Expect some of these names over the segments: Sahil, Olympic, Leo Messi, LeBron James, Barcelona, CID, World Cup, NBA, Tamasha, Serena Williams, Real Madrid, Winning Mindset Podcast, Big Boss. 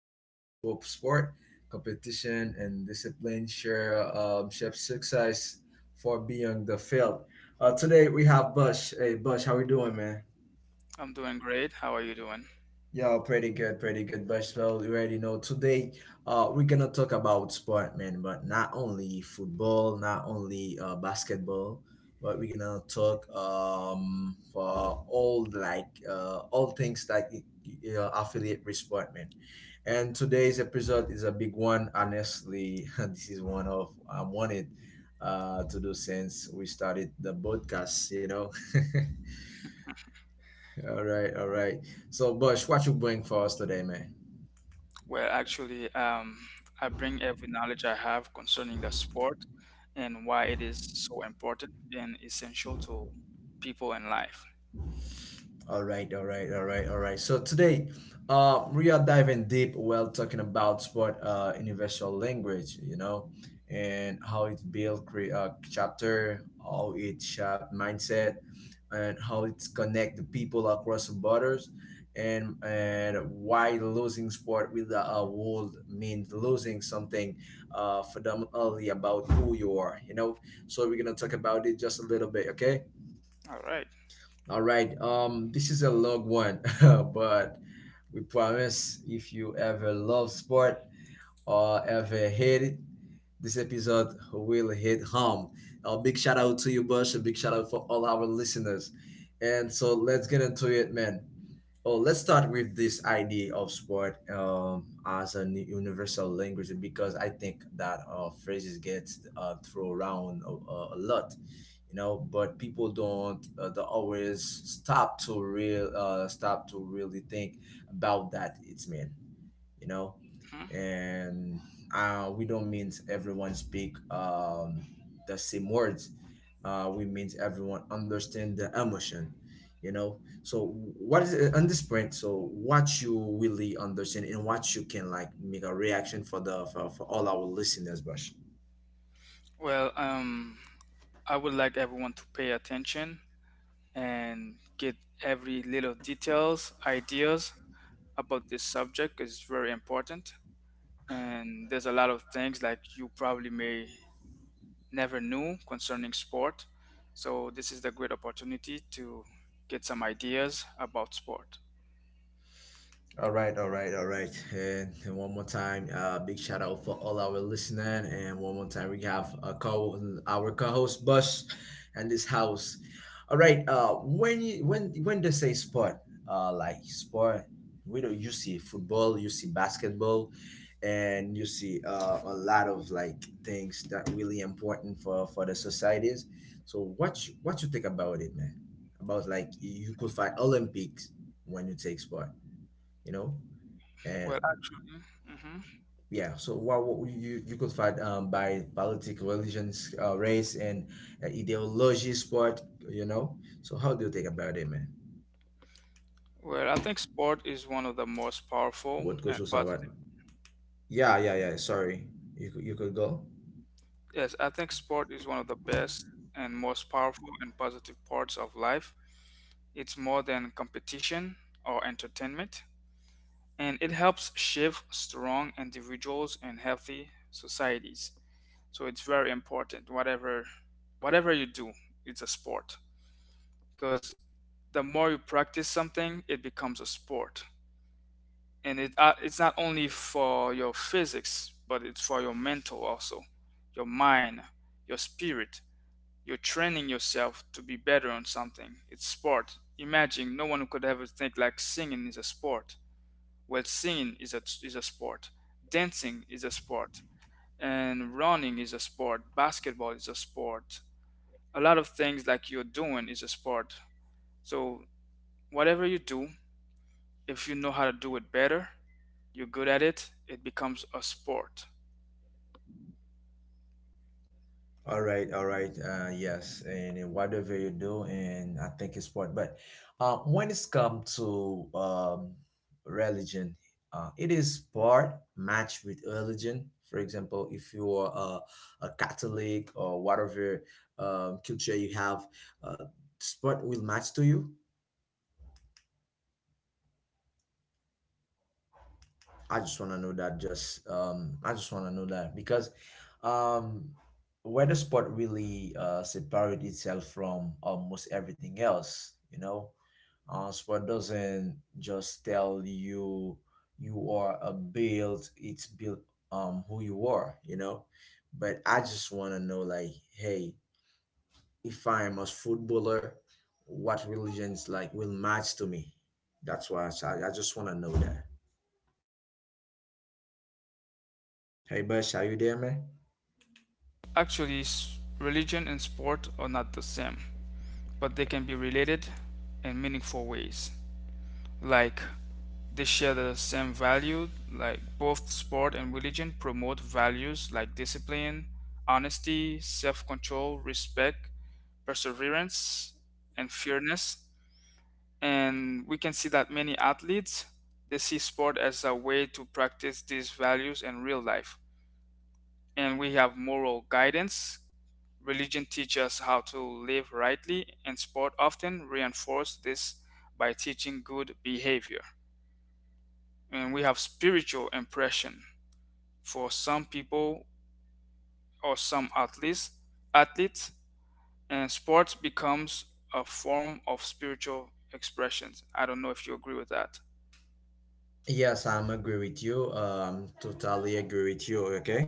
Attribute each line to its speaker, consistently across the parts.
Speaker 1: learn in through sport, competition, and discipline. Share shape success for beyond the field. Today we have Bush. Hey, Bush, how we doing, man?
Speaker 2: I'm doing great. How are you doing?
Speaker 1: Yo, pretty good, pretty good, but well, you already know today we're gonna talk about sport, man, but not only football, not only basketball, but we're gonna talk for all like all things like affiliate with sport, man. And today's episode is a big one. Honestly, this is one of I wanted to do since we started the podcast, you know. All right, all right. So, Bush, what you bring for us today, man?
Speaker 2: Well, actually, I bring every knowledge I have concerning the sport and why it is so important and essential to people in life.
Speaker 1: All right, all right, all right, all right. So today, we are diving deep while talking about sport, universal language, you know, and how it built chapter, how it shaped mindset, and how it connect the people across the borders, and why losing sport with the world means losing something, fundamentally about who you are, you know. So we're gonna talk about it just a little bit, okay?
Speaker 2: All right.
Speaker 1: All right. This is a long one, but we promise if you ever love sport or ever hate it, this episode will hit home. A big shout out to you, Bush. A big shout out for all our listeners. And so let's get into it, man. Well, let's start with this idea of sport as a universal language because I think that phrases get thrown around a lot, you know. But people don't they always stop to real stop to really think about that. It's mean, you know,
Speaker 2: Mhm.
Speaker 1: and we don't mean everyone speak the same words, we mean everyone understand the emotion, you know. So what is it on this point? So what you really understand and what you can like make a reaction for the for all our listeners, Bash?
Speaker 2: Well, I would like everyone to pay attention and get every little details, ideas about this subject is very important. And there's a lot of things like you probably may never knew concerning sport. So this is the great opportunity to get some ideas about sport.
Speaker 1: All right, all right, all right. And one more time, big shout out for all our listeners. And one more time, we have a co, our co-host Bush and this house. All right. When you, when they say sport, like sport, we don't, you see football, you see basketball, and you see a lot of like things that really important for the societies. So what you think about it, man? About like you could find Olympics when you take sport, you know? And
Speaker 2: Well, actually, hmm
Speaker 1: yeah, so what you could find by politics, religions, race and ideology sport, you know. So how do you think about it, man?
Speaker 2: well, I think sport is one of the most powerful
Speaker 1: What
Speaker 2: and
Speaker 1: goes about?
Speaker 2: positive.
Speaker 1: Yeah, yeah, yeah, sorry. You could go.
Speaker 2: Yes, I think sport is one of the best and most powerful and positive parts of life. It's more than competition or entertainment. And it helps shape strong individuals and healthy societies. So it's very important. Whatever you do, it's a sport because the more you practice something, it becomes a sport, and it's not only for your physics, but it's for your mental also, your mind, your spirit. You're training yourself to be better on something. It's sport. Imagine no one could ever think like singing is a sport. Well, singing is a sport, dancing is a sport, and running is a sport, basketball is a sport. A lot of things like you're doing is a sport. So, whatever you do, if you know how to do it better, you're good at it, it becomes a sport.
Speaker 1: All right, all right. Yes, and, in whatever you do, and I think it's what. But when it's come to religion, it is part matched with religion. For example, if you are a Catholic or whatever culture you have, uh, sport will match to you. I just want to know that. Just I just want to know that because um, weather sport really separate itself from almost everything else. You know, sport doesn't just tell you you are a build; it's built who you are. You know, but I just want to know like, hey, if I'm a footballer, what religions like will match to me? That's why I just want to know that. Hey, Bush, are you there, man?
Speaker 2: Actually, religion and sport are not the same, but they can be related in meaningful ways. Like, they share the same value, like, both sport and religion promote values like discipline, honesty, self control, respect, perseverance, and fairness. And we can see that many athletes they see sport as a way to practice these values in real life, and we have moral guidance. Religion teaches us how to live rightly, and sport often reinforces this by teaching good behavior. And we have spiritual impression for some people or some athletes, and sports becomes a form of spiritual expressions. I don't know if you agree with that.
Speaker 1: Yes, I'm agree with you. Totally agree with you. Okay.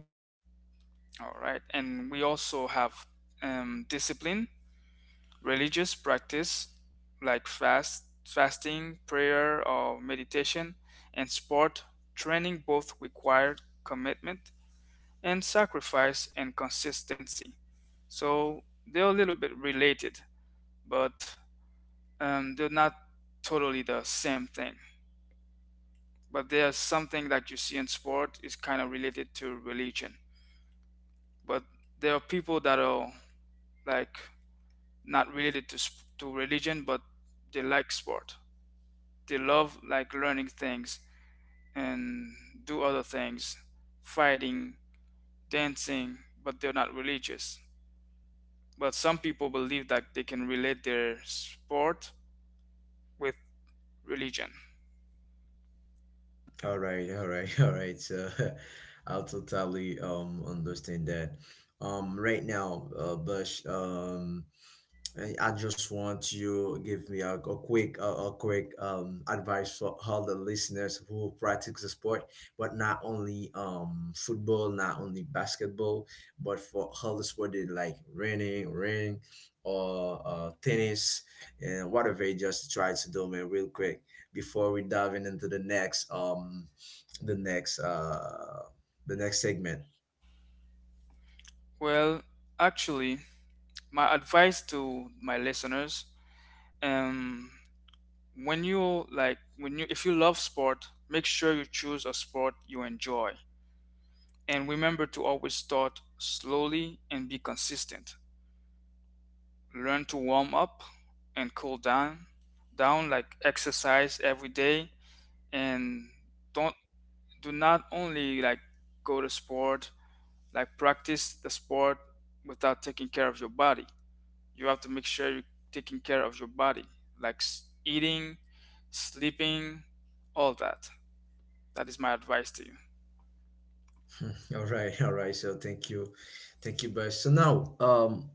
Speaker 2: All right, and we also have discipline. Religious practice like fasting, prayer, or meditation, and sport training both require commitment and sacrifice and consistency. So they're a little bit related, but they're not totally the same thing. But there's something that you see in sport is kind of related to religion. But there are people that are like not related to religion, but they like sport. They love like learning things and do other things, fighting, dancing, but they're not religious. But some people believe that they can relate their sport with religion.
Speaker 1: All right. All right. All right. So, I'll totally understand that. Right now, Bush. I just want you give me a quick advice for all the listeners who practice the sport, but not only football, not only basketball, but for all the sport they like running, or tennis, and whatever. You just try to do, man, real quick before we dive in into the next the next the next segment.
Speaker 2: Well, actually, my advice to my listeners, um, when you like, when you if you love sport, make sure you choose a sport you enjoy, and remember to always start slowly and be consistent. Learn to warm up and cool down like exercise every day, and don't do not only like go to sport like practice the sport without taking care of your body. You have to make sure you're taking care of your body like eating, sleeping, all that. That is my advice to you.
Speaker 1: All right, all right. So thank you, guys. So now.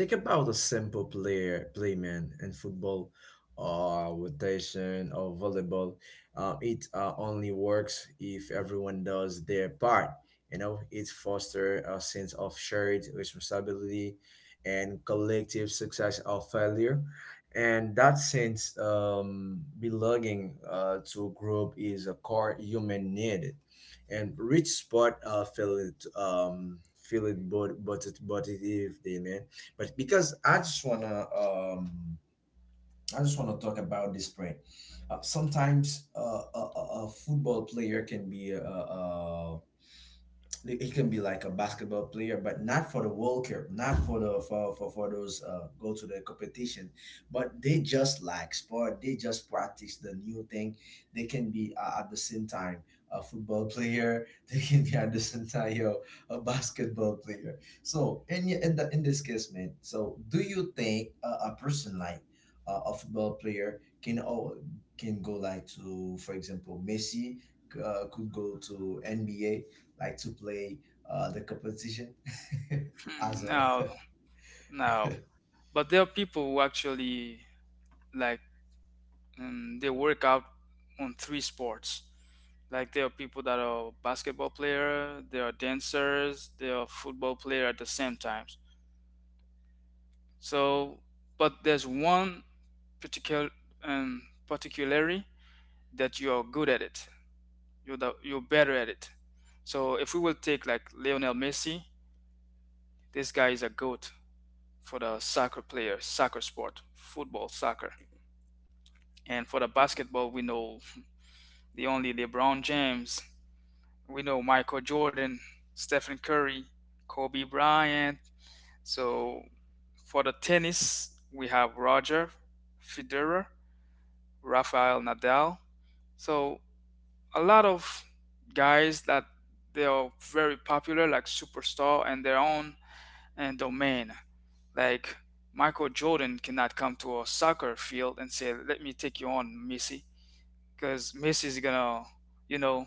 Speaker 1: Think about a simple player, playman in football or rotation or volleyball. It only works if everyone does their part. You know, it fosters a sense of shared responsibility and collective success or failure. And that sense belonging to a group is a core human need and rich sport feel it but it is there, man, but because I just wanna talk about this brand. Sometimes a football player can be he can be like a basketball player, but not for the World Cup, not for the for those go to the competition. But they just like sport. They just practice the new thing. They can be at the same time a football player. They can be at the same time, you know, a basketball player. So in this case, man. So do you think a person like a football player can go like to, for example, Messi could go to NBA like to play the competition?
Speaker 2: Hmm,
Speaker 1: As a
Speaker 2: no. No, but there are people who actually like and they work out on three sports. Like there are people that are basketball player, there are dancers, there are football player at the same times. So, but there's one particular particularity that you are good at it. You're better at it. So if we will take like Lionel Messi, this guy is a goat for the soccer player, soccer sport, football, soccer. And for the basketball, we know the only LeBron James. We know Michael Jordan, Stephen Curry, Kobe Bryant. So for the tennis, we have Roger Federer, Rafael Nadal. So a lot of guys that they are very popular, like superstar, and their own and domain. Like Michael Jordan cannot come to a soccer field and say, "Let me take you on, Messi," because Messi is gonna, you know,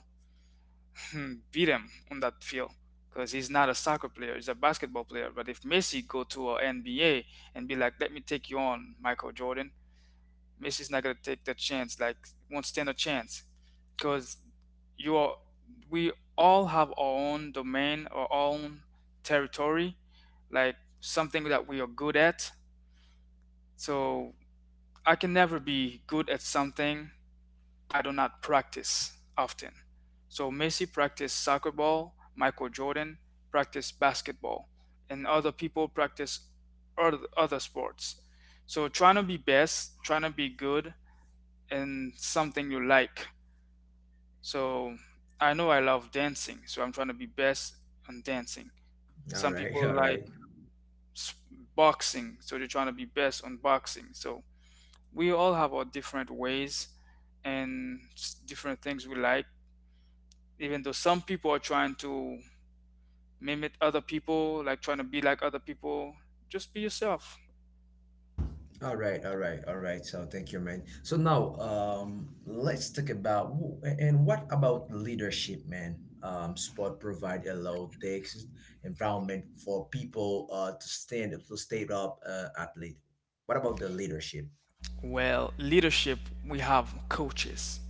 Speaker 2: beat him on that field because he's not a soccer player; he's a basketball player. But if Messi go to a NBA and be like, "Let me take you on, Michael Jordan," Messi's not gonna take the chance. Like, won't stand a chance because you are. We all have our own domain, our own territory, like something that we are good at. So I can never be good at something I do not practice often. So Messi practiced soccer ball, Michael Jordan practiced basketball, and other people practice other sports. So trying to be best, trying to be good in something you like. So I know I love dancing, so I'm trying to be best on dancing.
Speaker 1: all
Speaker 2: Some
Speaker 1: right
Speaker 2: people
Speaker 1: all
Speaker 2: like
Speaker 1: right
Speaker 2: s- boxing, so they're trying to be best on boxing. So we all have our different ways and different things we like, even though some people are trying to mimic other people, like trying to be like other people, just be yourself.
Speaker 1: all right all right all right So thank you, man. So now let's talk about wh- and what about leadership, man? Sport provide a low stakes environment for people to stand to stay up, athlete, what about the leadership?
Speaker 2: Well, leadership, we have coaches.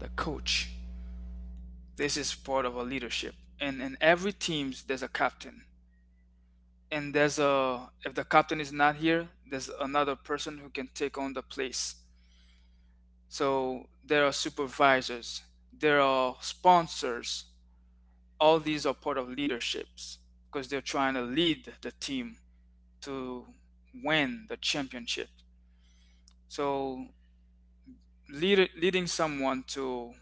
Speaker 2: The coach, this is part of a leadership. And in every teams, there's a captain. And if the captain is not here, there's another person who can take on the place. So there are supervisors, there are sponsors. All these are part of leaderships because they're trying to lead the team to win the championship. So leading someone to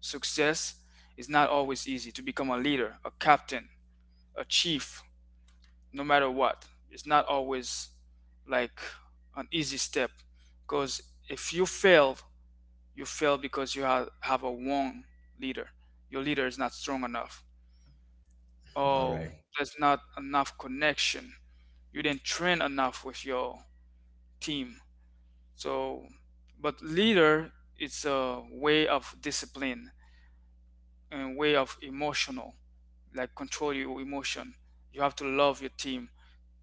Speaker 2: success is not always easy. To become a leader, a captain, a chief, no matter what, it's not always like an easy step. Because if you fail, you fail because you have a wrong leader. Your leader is not strong enough.
Speaker 1: All
Speaker 2: Oh,
Speaker 1: right.
Speaker 2: there's not enough connection. You didn't train enough with your team. So, but leader it's a way of discipline and way of emotional, like control your emotion. You have to love your team.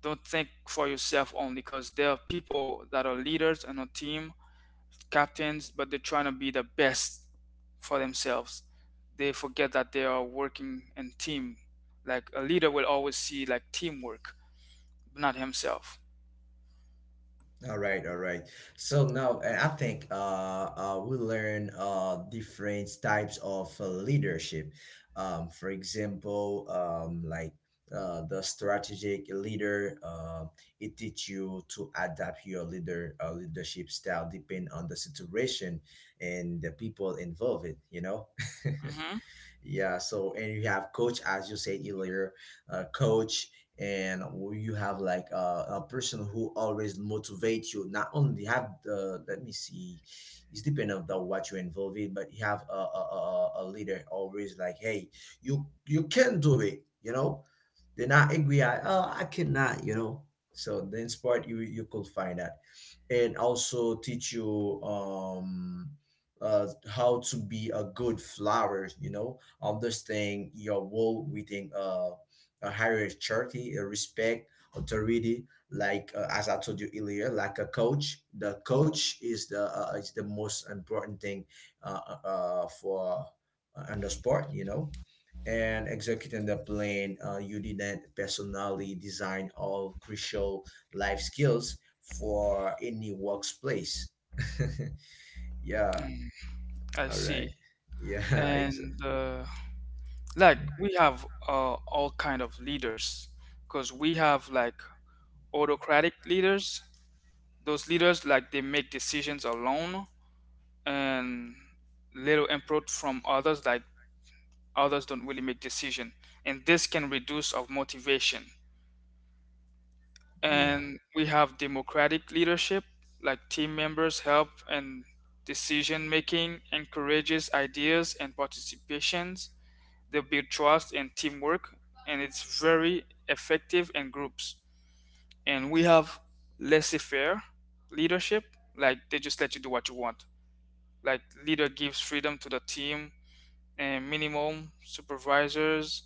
Speaker 2: Don't think for yourself only, because there are people that are leaders and a team, captains, but they're trying to be the best for themselves. They forget that they are working in team. Like a leader will always see like teamwork, not himself.
Speaker 1: All right, all right. So now I think we learn different types of leadership. For example, like the strategic leader, it teach you to adapt your leadership style depending on the situation and the people involved. You know.
Speaker 2: Hmm,
Speaker 1: Yeah. So and you have coach, as you said earlier, coach, and you have like a person who always motivates you. Not only have the, let me see, it's dependent on the, what you involve in, but you have a leader always like, hey, you can do it. You know, they're not angry at, oh, I cannot. You know. So then sport, you could find that and also teach you how to be a good flower, you know, of this thing your role within a hierarchy, a respect, authority. Like as I told you earlier, like a coach, the coach is the most important thing for on the sport, you know. And executing the plan, you didn't personally design all crucial life skills for any workplace. Yeah,
Speaker 2: I
Speaker 1: all right.
Speaker 2: see.
Speaker 1: Yeah, exactly.
Speaker 2: And like we have all kind of leaders, because we have like autocratic leaders. Those leaders like they make decisions alone and little input from others, like others don't really make decision, and this can reduce of motivation.
Speaker 1: Yeah.
Speaker 2: And we have democratic leadership, like team members help and decision making encourages ideas and participations. They build trust and teamwork, and it's very effective in groups. And we have laissez faire leadership, like they just let you do what you want. Like, leader gives freedom to the team and minimum supervisors,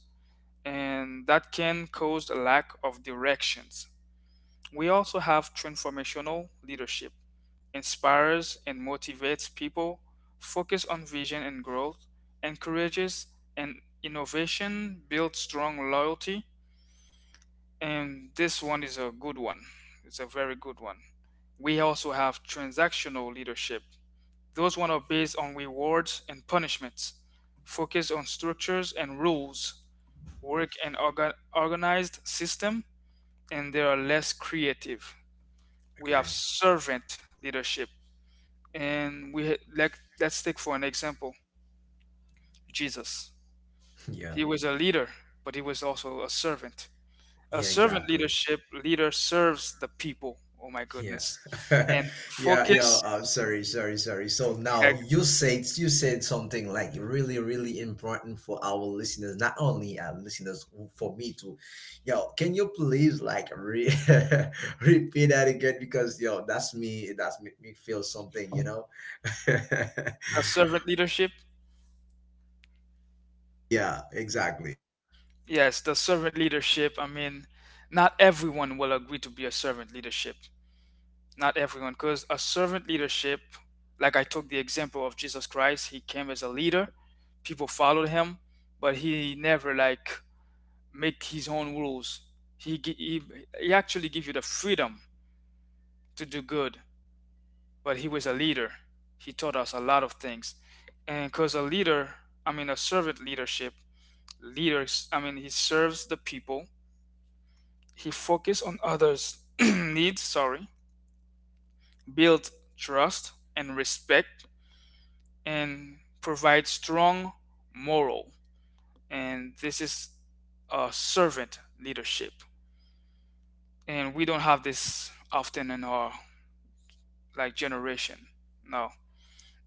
Speaker 2: and that can cause a lack of directions. We also have transformational leadership, inspires and motivates people, focus on vision and growth, encourages and innovation, builds strong loyalty, and this one is a good one. It's a very good one. We also have transactional leadership. Those one are based on rewards and punishments, focus on structures and rules, work an organized system, and they are less creative. We have
Speaker 1: Okay.
Speaker 2: servant leadership, and we let's take for an example Jesus.
Speaker 1: Yeah.
Speaker 2: He was a leader, but he was also a servant. A
Speaker 1: Yeah,
Speaker 2: servant
Speaker 1: exactly.
Speaker 2: leadership leader serves the people. Oh my
Speaker 1: Yeah.
Speaker 2: goodness. And
Speaker 1: Yeah, yeah.
Speaker 2: focus
Speaker 1: Sorry, sorry, sorry. So now
Speaker 2: like
Speaker 1: you said something like really, really important for our listeners, not only our listeners, for me too. Yo, can you please like re repeat that again? Because yo, that's me, that's make me feel something, you know?
Speaker 2: a servant leadership.
Speaker 1: Yeah, exactly.
Speaker 2: Yes, the servant leadership. I mean, not everyone will agree to be a servant leadership. Not everyone, because a servant leadership, like I took the example of Jesus Christ, he came as a leader, people followed him, but he never like make his own rules. He gi- he, he actually give you the freedom to do good, but he was a leader. He taught us a lot of things, and because a leader, I mean a servant leadership, leaders, I mean he serves the people. He focus on others' needs. Sorry, build trust and respect and provide strong moral. And this is a servant leadership. And we don't have this often in our like generation. No.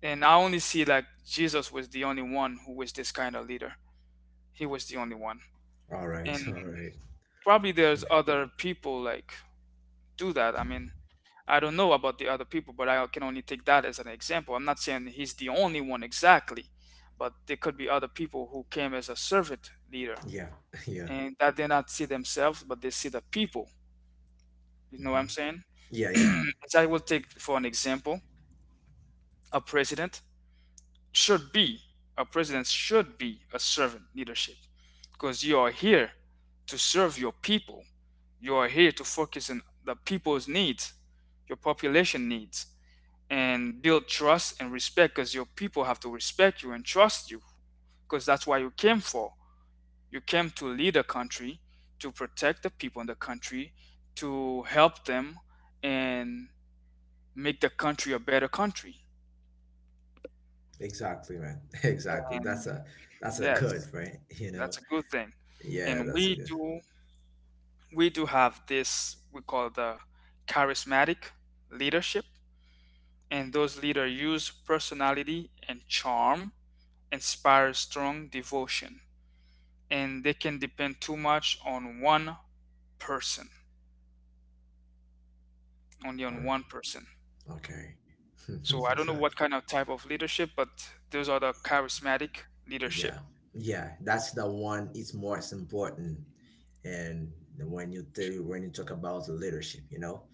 Speaker 2: And I only see like Jesus was the only one who was this kind of leader. He was the only one.
Speaker 1: All
Speaker 2: And
Speaker 1: right, all right.
Speaker 2: probably there's other people like do that. I mean, I don't know about the other people, but I can only take that as an example. I'm not saying he's the only one exactly, but there could be other people who came as a servant leader
Speaker 1: Yeah, yeah.
Speaker 2: and that they not see themselves but they see the people. You know what
Speaker 1: Hmm.
Speaker 2: I'm saying?
Speaker 1: Yeah, yeah.
Speaker 2: As I will take for an example, a president should be, a president should be a servant leadership, because you are here to serve your people, you are here to focus on the people's needs, your population needs, and build trust and respect, because your people have to respect you and trust you, because that's why you came for. You came to lead a country, to protect the people in the country, to help them and make the country a better country.
Speaker 1: Exactly, man. Exactly. That's
Speaker 2: And
Speaker 1: a, that's a
Speaker 2: yes,
Speaker 1: good, right? You know.
Speaker 2: that's a good thing.
Speaker 1: Yeah,
Speaker 2: And
Speaker 1: that's a
Speaker 2: we
Speaker 1: good.
Speaker 2: do, we do have this we call the charismatic leadership. And those leaders use personality and charm, inspire strong devotion. And they can depend too much on one person, only on
Speaker 1: Or
Speaker 2: one person.
Speaker 1: okay.
Speaker 2: So I don't know
Speaker 1: Okay.
Speaker 2: what kind of type of leadership, but those are the charismatic leadership.
Speaker 1: Yeah. Yeah, that's the one. It's most important, and when you when you talk about leadership, you know.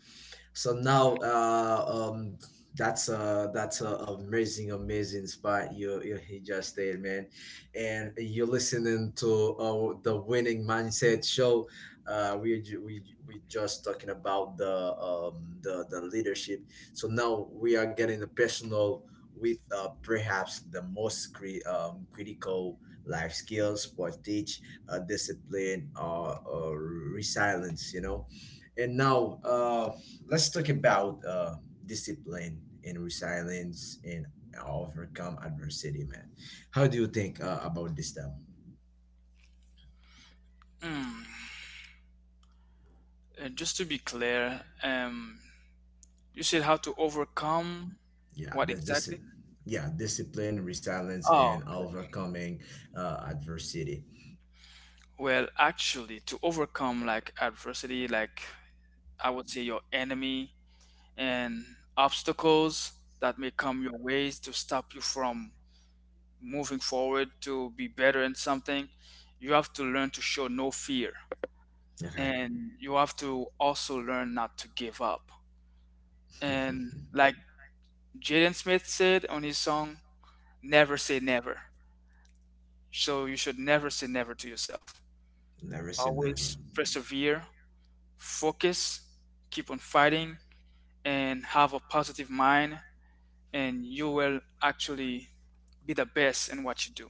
Speaker 1: So now that's a, that's a amazing, amazing spot you, you, he just stayed, man. And you're listening to the Winning Mindset Show. Uh we ju- we we just talking about the leadership. So now we are getting personal with perhaps the most critical life skills sport teach, discipline or resilience, you know. And now, let's talk about discipline and resilience and overcome adversity, man. How do you think about this stuff?
Speaker 2: Hmm. And just to be clear, you said how to overcome
Speaker 1: Yeah,
Speaker 2: what
Speaker 1: this
Speaker 2: exactly?
Speaker 1: yeah, discipline, resilience, and
Speaker 2: Oh, okay.
Speaker 1: overcoming adversity.
Speaker 2: Well, actually, to overcome like adversity, like I would say your enemy and obstacles that may come your ways to stop you from moving forward to be better in something, you have to learn to show no fear.
Speaker 1: Okay,
Speaker 2: And you have to also learn not to give up. And like Jaden Smith said on his song, never say never. So you should never say never to yourself.
Speaker 1: never said
Speaker 2: Always
Speaker 1: never.
Speaker 2: persevere, focus, keep on fighting, and have a positive mind, and you will actually be the best in what you do.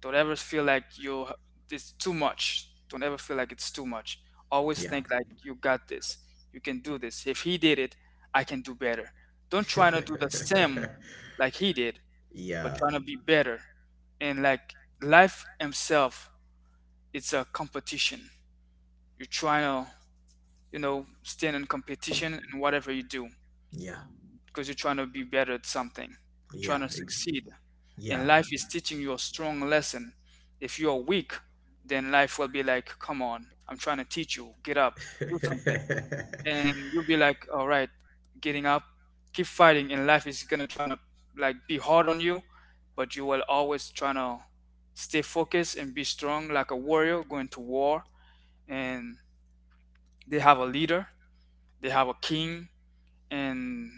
Speaker 2: Don't ever feel like you it's too much. Don't ever feel like it's too much. Always
Speaker 1: Yeah,
Speaker 2: think like you got this. You can do this. If he did it, I can do better. Don't try to do the same like he did, but trying
Speaker 1: yeah,
Speaker 2: to be better. And like life himself, it's a competition. You're trying to, you know, stand in competition in whatever you do
Speaker 1: yeah,
Speaker 2: because you're trying to be better at something, trying
Speaker 1: yeah,
Speaker 2: to succeed. And
Speaker 1: yeah.
Speaker 2: life is teaching you a strong lesson. If you are weak, then life will be like, come on, I'm trying to teach you, get up, do something. And you'll be like, all right, getting up, keep fighting. And life is going to try to like be hard on you, but you will always try to stay focused and be strong like a warrior going to war. And they have a leader, they have a king, and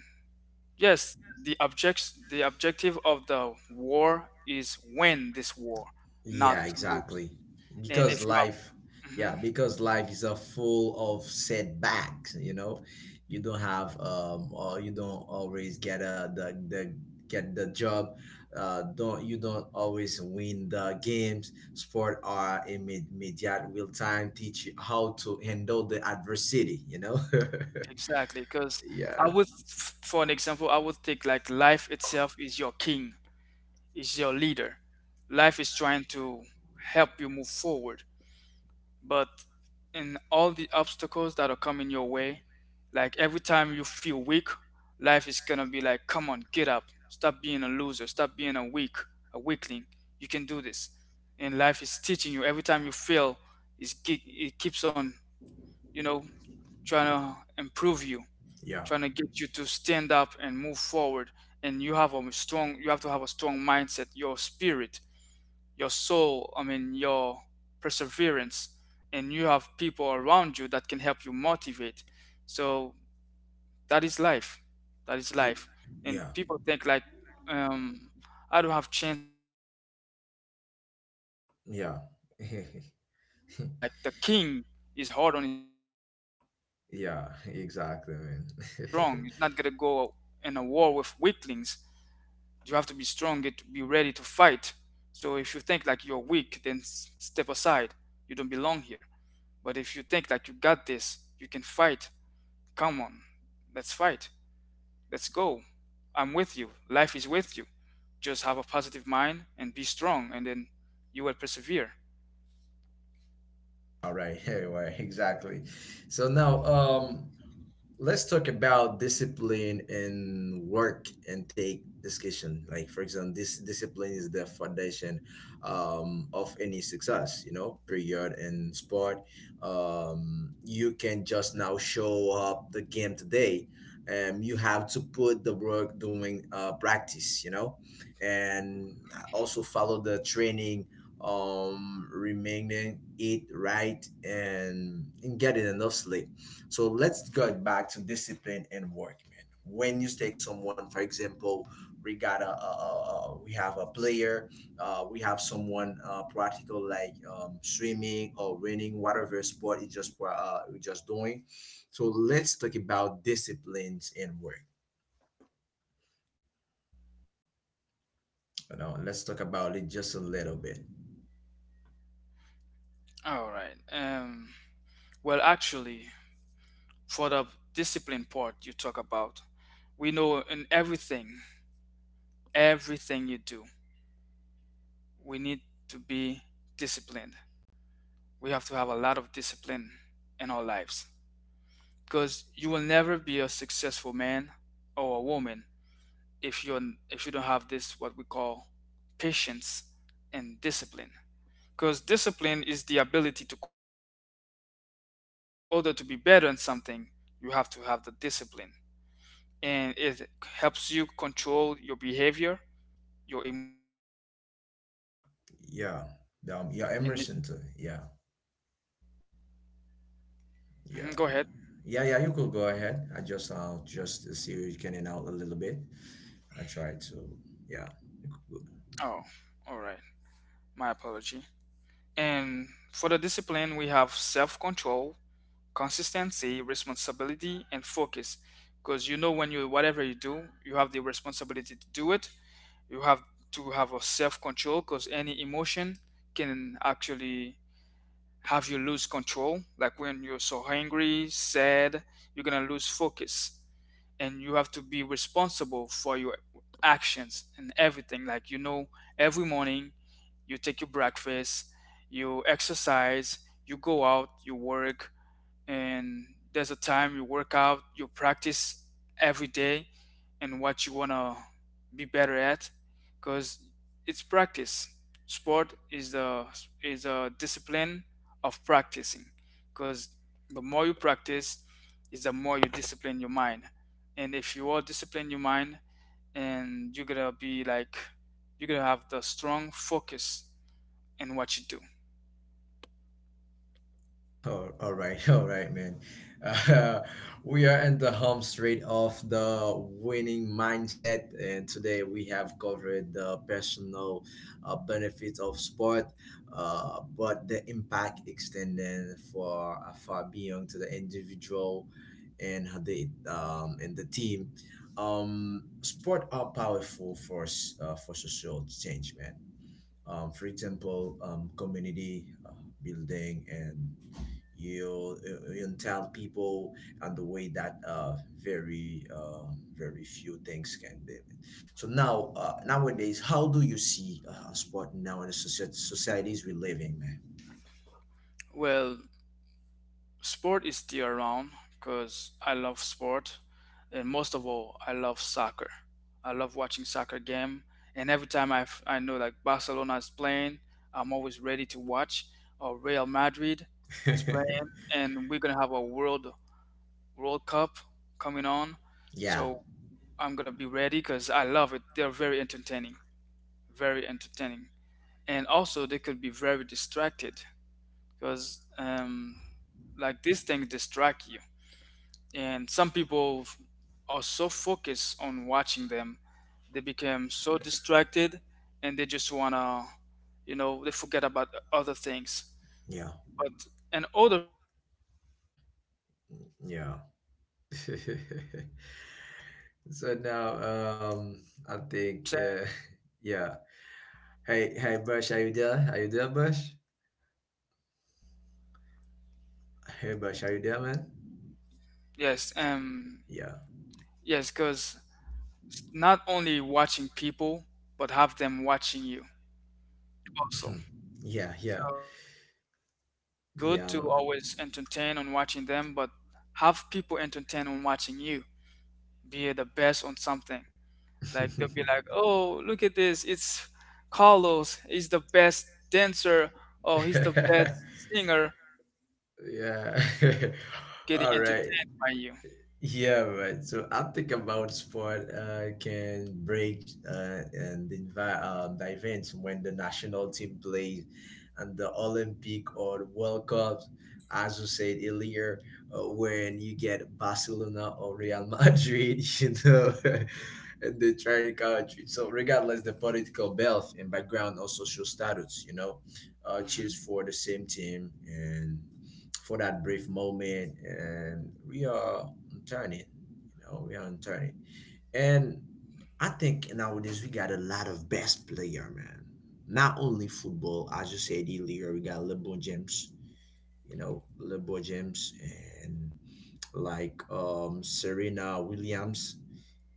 Speaker 2: yes, the object, the objective of the war is win this war,
Speaker 1: Yeah,
Speaker 2: not to lose.
Speaker 1: exactly.
Speaker 2: And
Speaker 1: Because
Speaker 2: if you are,
Speaker 1: life, yeah,
Speaker 2: mhm,
Speaker 1: because life is a full of setbacks, you know. You don't have or you don't always get a the get the job. Don't You don't always win the games. Sport are immediate real time teach you how to handle the adversity, you know?
Speaker 2: exactly, because I
Speaker 1: Yeah.
Speaker 2: would, f- for an example, I would think like life itself is your king, is your leader. Life is trying to help you move forward, but in all the obstacles that are coming your way, like every time you feel weak, life is gonna be like, come on, get up, stop being a loser, stop being a weak, a weakling. You can do this. And life is teaching you every time you fail, it keeps on, you know, trying to improve you,
Speaker 1: Yeah.
Speaker 2: trying to get you to stand up and move forward. And you have a strong, you have to have a strong mindset, your spirit, your soul, I mean, your perseverance, and you have people around you that can help you motivate. So that is life. That is
Speaker 1: Y-
Speaker 2: life. And
Speaker 1: Yeah.
Speaker 2: people think like, um, I don't have chance in life. I mean, life is too hard.
Speaker 1: Yeah.
Speaker 2: Yes, life is gonna have to be hard. Like the king is hard on his people. Like
Speaker 1: Yeah,
Speaker 2: his warriors. I
Speaker 1: exactly,
Speaker 2: mean, they
Speaker 1: man.
Speaker 2: have to be strong. He's not gonna go in a war with weaklings. You have to be strong and be ready to fight. So if you think like you're weak then step aside, you don't belong here. But if you think like you got this, you can fight, come on, let's fight, let's go. I'm with you, life is with you. Just have a positive mind and be strong, and then you will persevere.
Speaker 1: All right, anyway, exactly. So now, let's talk about discipline and work and take discussion. Like for example, this discipline is the foundation of any success. You know, period in sport. You can just now show up the game today. You have to put the work doing practice. And also follow the training remaining eat right and getting enough sleep. So let's get back to discipline and work, man. When you take someone, for example, we got we have a player. Uh, we have someone, practical like, swimming or running, whatever sport you you just doing. So let's talk about disciplines and work. You know, let's talk about it just a little bit.
Speaker 2: All right, well, actually, for the discipline part you talk about, we know in everything, everything you do we need to be disciplined. We have to have a lot of discipline in our lives, because you will never be a successful man or a woman if you are, if you don't have this what we call patience and discipline, because discipline is the ability to control your actions. So in order to be better in something, you have to have the discipline, and it helps you control your behavior, your emotion, and so that you
Speaker 1: Yeah,
Speaker 2: can do what is
Speaker 1: yeah,
Speaker 2: right and
Speaker 1: Emerson too.
Speaker 2: necessary.
Speaker 1: Yeah, yeah,
Speaker 2: Mhm, go
Speaker 1: yeah,
Speaker 2: ahead.
Speaker 1: yeah, yeah. You could go ahead. I just to see you can out a little bit. I try to. Yeah, you could go.
Speaker 2: Oh, all right, my apology. And for the discipline, we have self control, consistency, responsibility, and focus. Because you know, when you, whatever you do, you have the responsibility to do it. You have to have a self control because any emotion can actually have you lose control. Like when you're so angry, sad, you're gonna lose focus, and you have to be responsible for your actions and everything. Like, you know, every morning you take your breakfast, you exercise, you go out, you work, and there's a time you work out, you practice every day, and what you wanna be better at, because it's practice. Sport is the, is a discipline of practicing, because the more you practice, is the more you discipline your mind, and if you all discipline your mind, and you're gonna be like, you're gonna have the strong focus in what you do.
Speaker 1: Oh, all right, man. Uh, we are in the home straight of the winning mindset, and today we have covered the personal benefits of sport, but the impact extending for far beyond to the individual and how they and the team. Sport are powerful for for social change, man. For example, community building and you tell people, and the way that very very few things can be. So now, nowadays, how do you see, sport now in the societies we live in, man?
Speaker 2: Well, sport is still around because I love sport, and most of all, I love soccer. I love watching soccer game, and every time I, f- I know like Barcelona is playing, I'm always ready to watch. Or Real Madrid is playing, and we're gonna have a World Cup coming on,
Speaker 1: Yeah,
Speaker 2: so I'm gonna be ready because I love it. They're very entertaining, and also they could be very distracted because like these things distract you, and some people are so focused on watching them, they become so distracted and they just want to, you know, they forget about other things.
Speaker 1: yeah,
Speaker 2: But in order for you to be like don't just watch
Speaker 1: yeah.
Speaker 2: them, trying to be better in something, have people watching you
Speaker 1: So now,
Speaker 2: sometimes.
Speaker 1: I
Speaker 2: You know what I'm
Speaker 1: think, yeah,
Speaker 2: saying?
Speaker 1: yeah. Hey, hey, Bush, are you there? Are you there, Bush? Hey, Bush, are you there, man?
Speaker 2: Yes,
Speaker 1: Yeah,
Speaker 2: yes, because not only watching people but have them watching you also.
Speaker 1: yeah, yeah,
Speaker 2: So it's good
Speaker 1: yeah.
Speaker 2: to always entertain on watching them, but have people entertain on watching you. Be the best on something. Like they'll be like, "Oh, look at this! It's Carlos. He's the best dancer. Oh, he's the best singer." And like
Speaker 1: Yeah.
Speaker 2: people are getting
Speaker 1: All right.
Speaker 2: entertained by you.
Speaker 1: Yeah, right. So I'm thinking about sport, can break the events when the national team plays and the Olympic or World Cups, as you said earlier, when you get Barcelona or Real Madrid, you know, and the trying country. So regardless the political belt and background or social status, you know, cheers
Speaker 2: Hmm.
Speaker 1: for the same team and for that brief moment, and we are turning. You know, we are on turning. And I think nowadays we got a lot of best player, man. Not only football, as you said earlier, we got LeBron James, you know, LeBron James, and like Serena Williams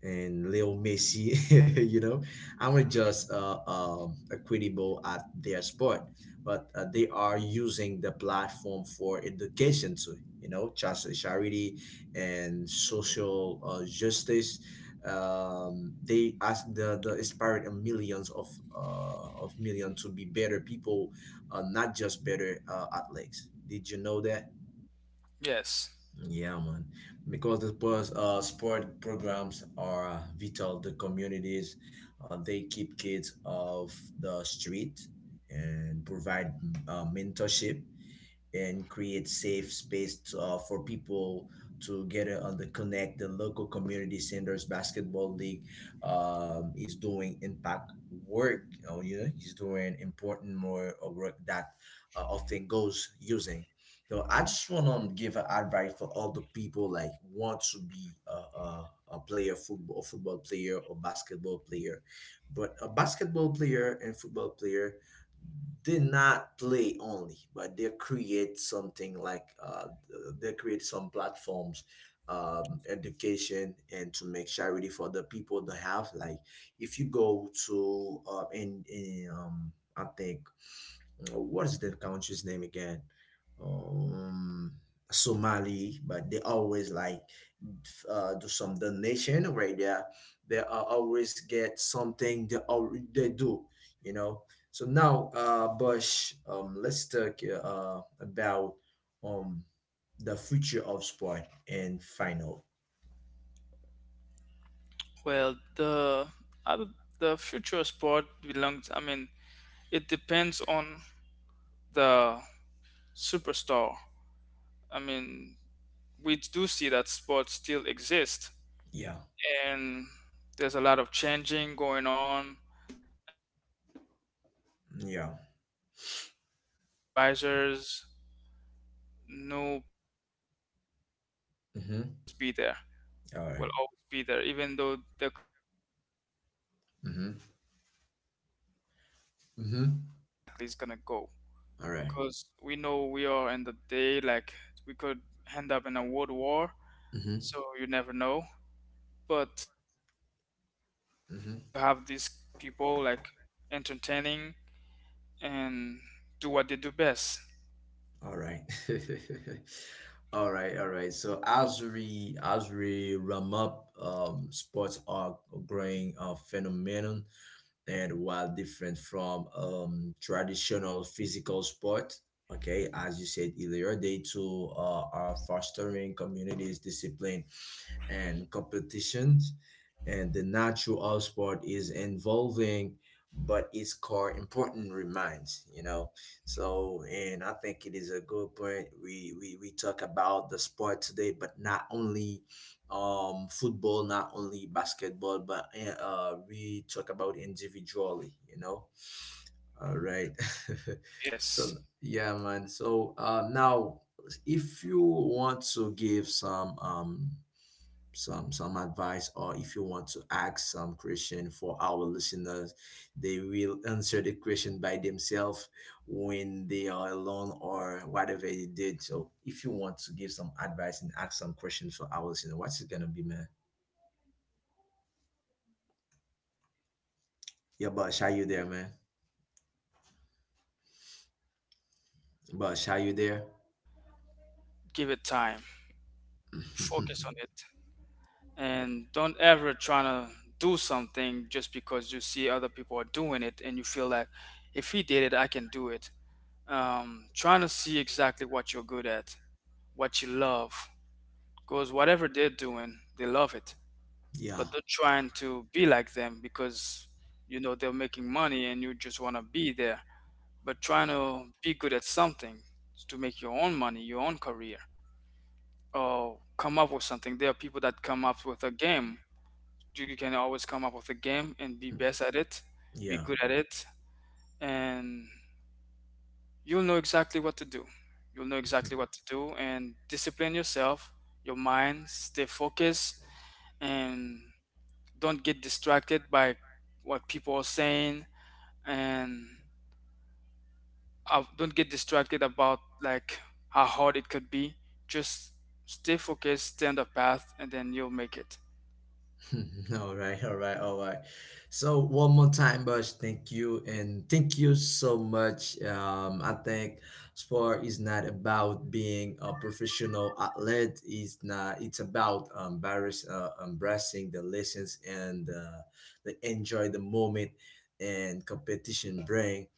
Speaker 1: and Leo Messi, you know, I'm just equitable at their sport, but they are using the platform for education too, you know, charity and social, justice. They ask the inspired millions of, of million to be better people, not just better, athletes. Did you know that?
Speaker 2: Yes.
Speaker 1: Yeah, man. Because the sport programs are, vital to communities. They keep kids off the street and provide, mentorship and create safe space, for people to get it on, the connect the local community centers basketball league, is doing impact work. You know, you know, he's doing important more of work that, often goes using. So I just want to give an advice for all the people like want to be a player, football player or basketball player, but a basketball player and football player did not play only, but they create something like, they create some platforms, education, and to make charity for the people that have. Like if you go to, in I think, what is the country's name again? Um, Somali, but they always like, do some donation right there. They, always get something they do, you know. So now, Bush, let's talk, about, um the future of sport and final.
Speaker 2: Well, the other, the future sport belongs. I mean, it depends on the superstar. I mean, we do see that sports still exist,
Speaker 1: Yeah,
Speaker 2: and there's a lot of changing going on, and new
Speaker 1: yeah.
Speaker 2: supervisors, new people coming in, so sport will
Speaker 1: Mm-hmm.
Speaker 2: always be there,
Speaker 1: All right.
Speaker 2: will always be there, even though there could be new generation.
Speaker 1: Mm-hmm.
Speaker 2: And we don't know exactly how far
Speaker 1: Mm-hmm.
Speaker 2: exactly it's gonna go,
Speaker 1: All right.
Speaker 2: because we know we are in the day like we could end up in a world war,
Speaker 1: Mm-hmm.
Speaker 2: so you never know. But so far we
Speaker 1: Mm-hmm.
Speaker 2: still have these people like entertaining and do what they do best.
Speaker 1: All right. All right, all right. So as we ramp up, sports are growing a phenomenon, and while different from, traditional physical sport, okay, as you said earlier, they too, are fostering communities discipline and competitions, and the natural sport is involving, but its core important remains. You know, so, and I think it is a good point. We talk about the sport today, but not only, football, not only basketball, but we talk about individually. You know, all right. So
Speaker 2: Yes,
Speaker 1: yeah, man. So, now, if you want to give some, some advice, or if you want to ask some question for our listeners, they will answer the question by themselves when they are alone or whatever they did. So if you want to give some advice and ask some questions for our listener, what's it gonna be, man?
Speaker 2: well, actually,
Speaker 1: Yeah, but
Speaker 2: my
Speaker 1: are you there,
Speaker 2: advice
Speaker 1: man?
Speaker 2: will be like whatever you're learning, whatever you
Speaker 1: But are you
Speaker 2: love,
Speaker 1: there?
Speaker 2: give it time, focus on it, and don't ever try to do something just because you see other people are doing it and you feel like if he did it I can do it. Um, trying to see exactly what you're good at, what you love. Because whatever they're doing, they love it.
Speaker 1: Yeah,
Speaker 2: But they're trying to be like them because, you know, they're making money and you just want to be there. But trying to be good at something, to make your own money, your own career, or come up with something. There are people that come up with a game. You can always come up with a game and be best at it, be
Speaker 1: yeah.
Speaker 2: good at it, and you'll know exactly what to do. You'll know exactly what to do, and discipline yourself, your mind, stay focused, and don't get distracted by what people are saying, and don't get distracted about like how hard it could be, just stay focused, stay on the path, and then you'll make it.
Speaker 1: All right, all right, all right. So one more time, Bush, thank you, and thank you so much. I think sport is not about being a professional athlete. It's not. It's about, embracing the lessons, and, the enjoy the moment and competition bring.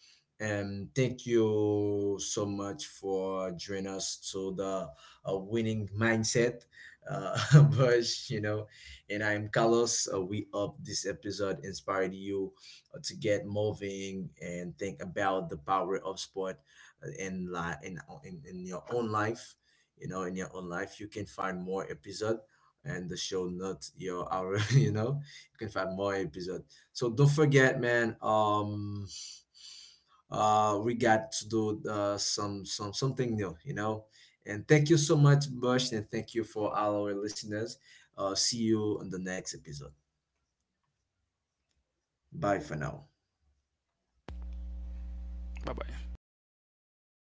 Speaker 1: And thank you so much for joining us to the, winning mindset, Bush. You know. And I'm Carlos. We hope this episode inspired you, to get moving and think about the power of sport, in, li- in your own life. You know, in your own life, you can find more episode and the show notes. Your our, you know, you can find more episode. So don't forget, man. We got to do, something new. You know, and thank you so much, Bush, and thank you for all our listeners. See you on the next episode. Bye for now.
Speaker 2: Bye bye.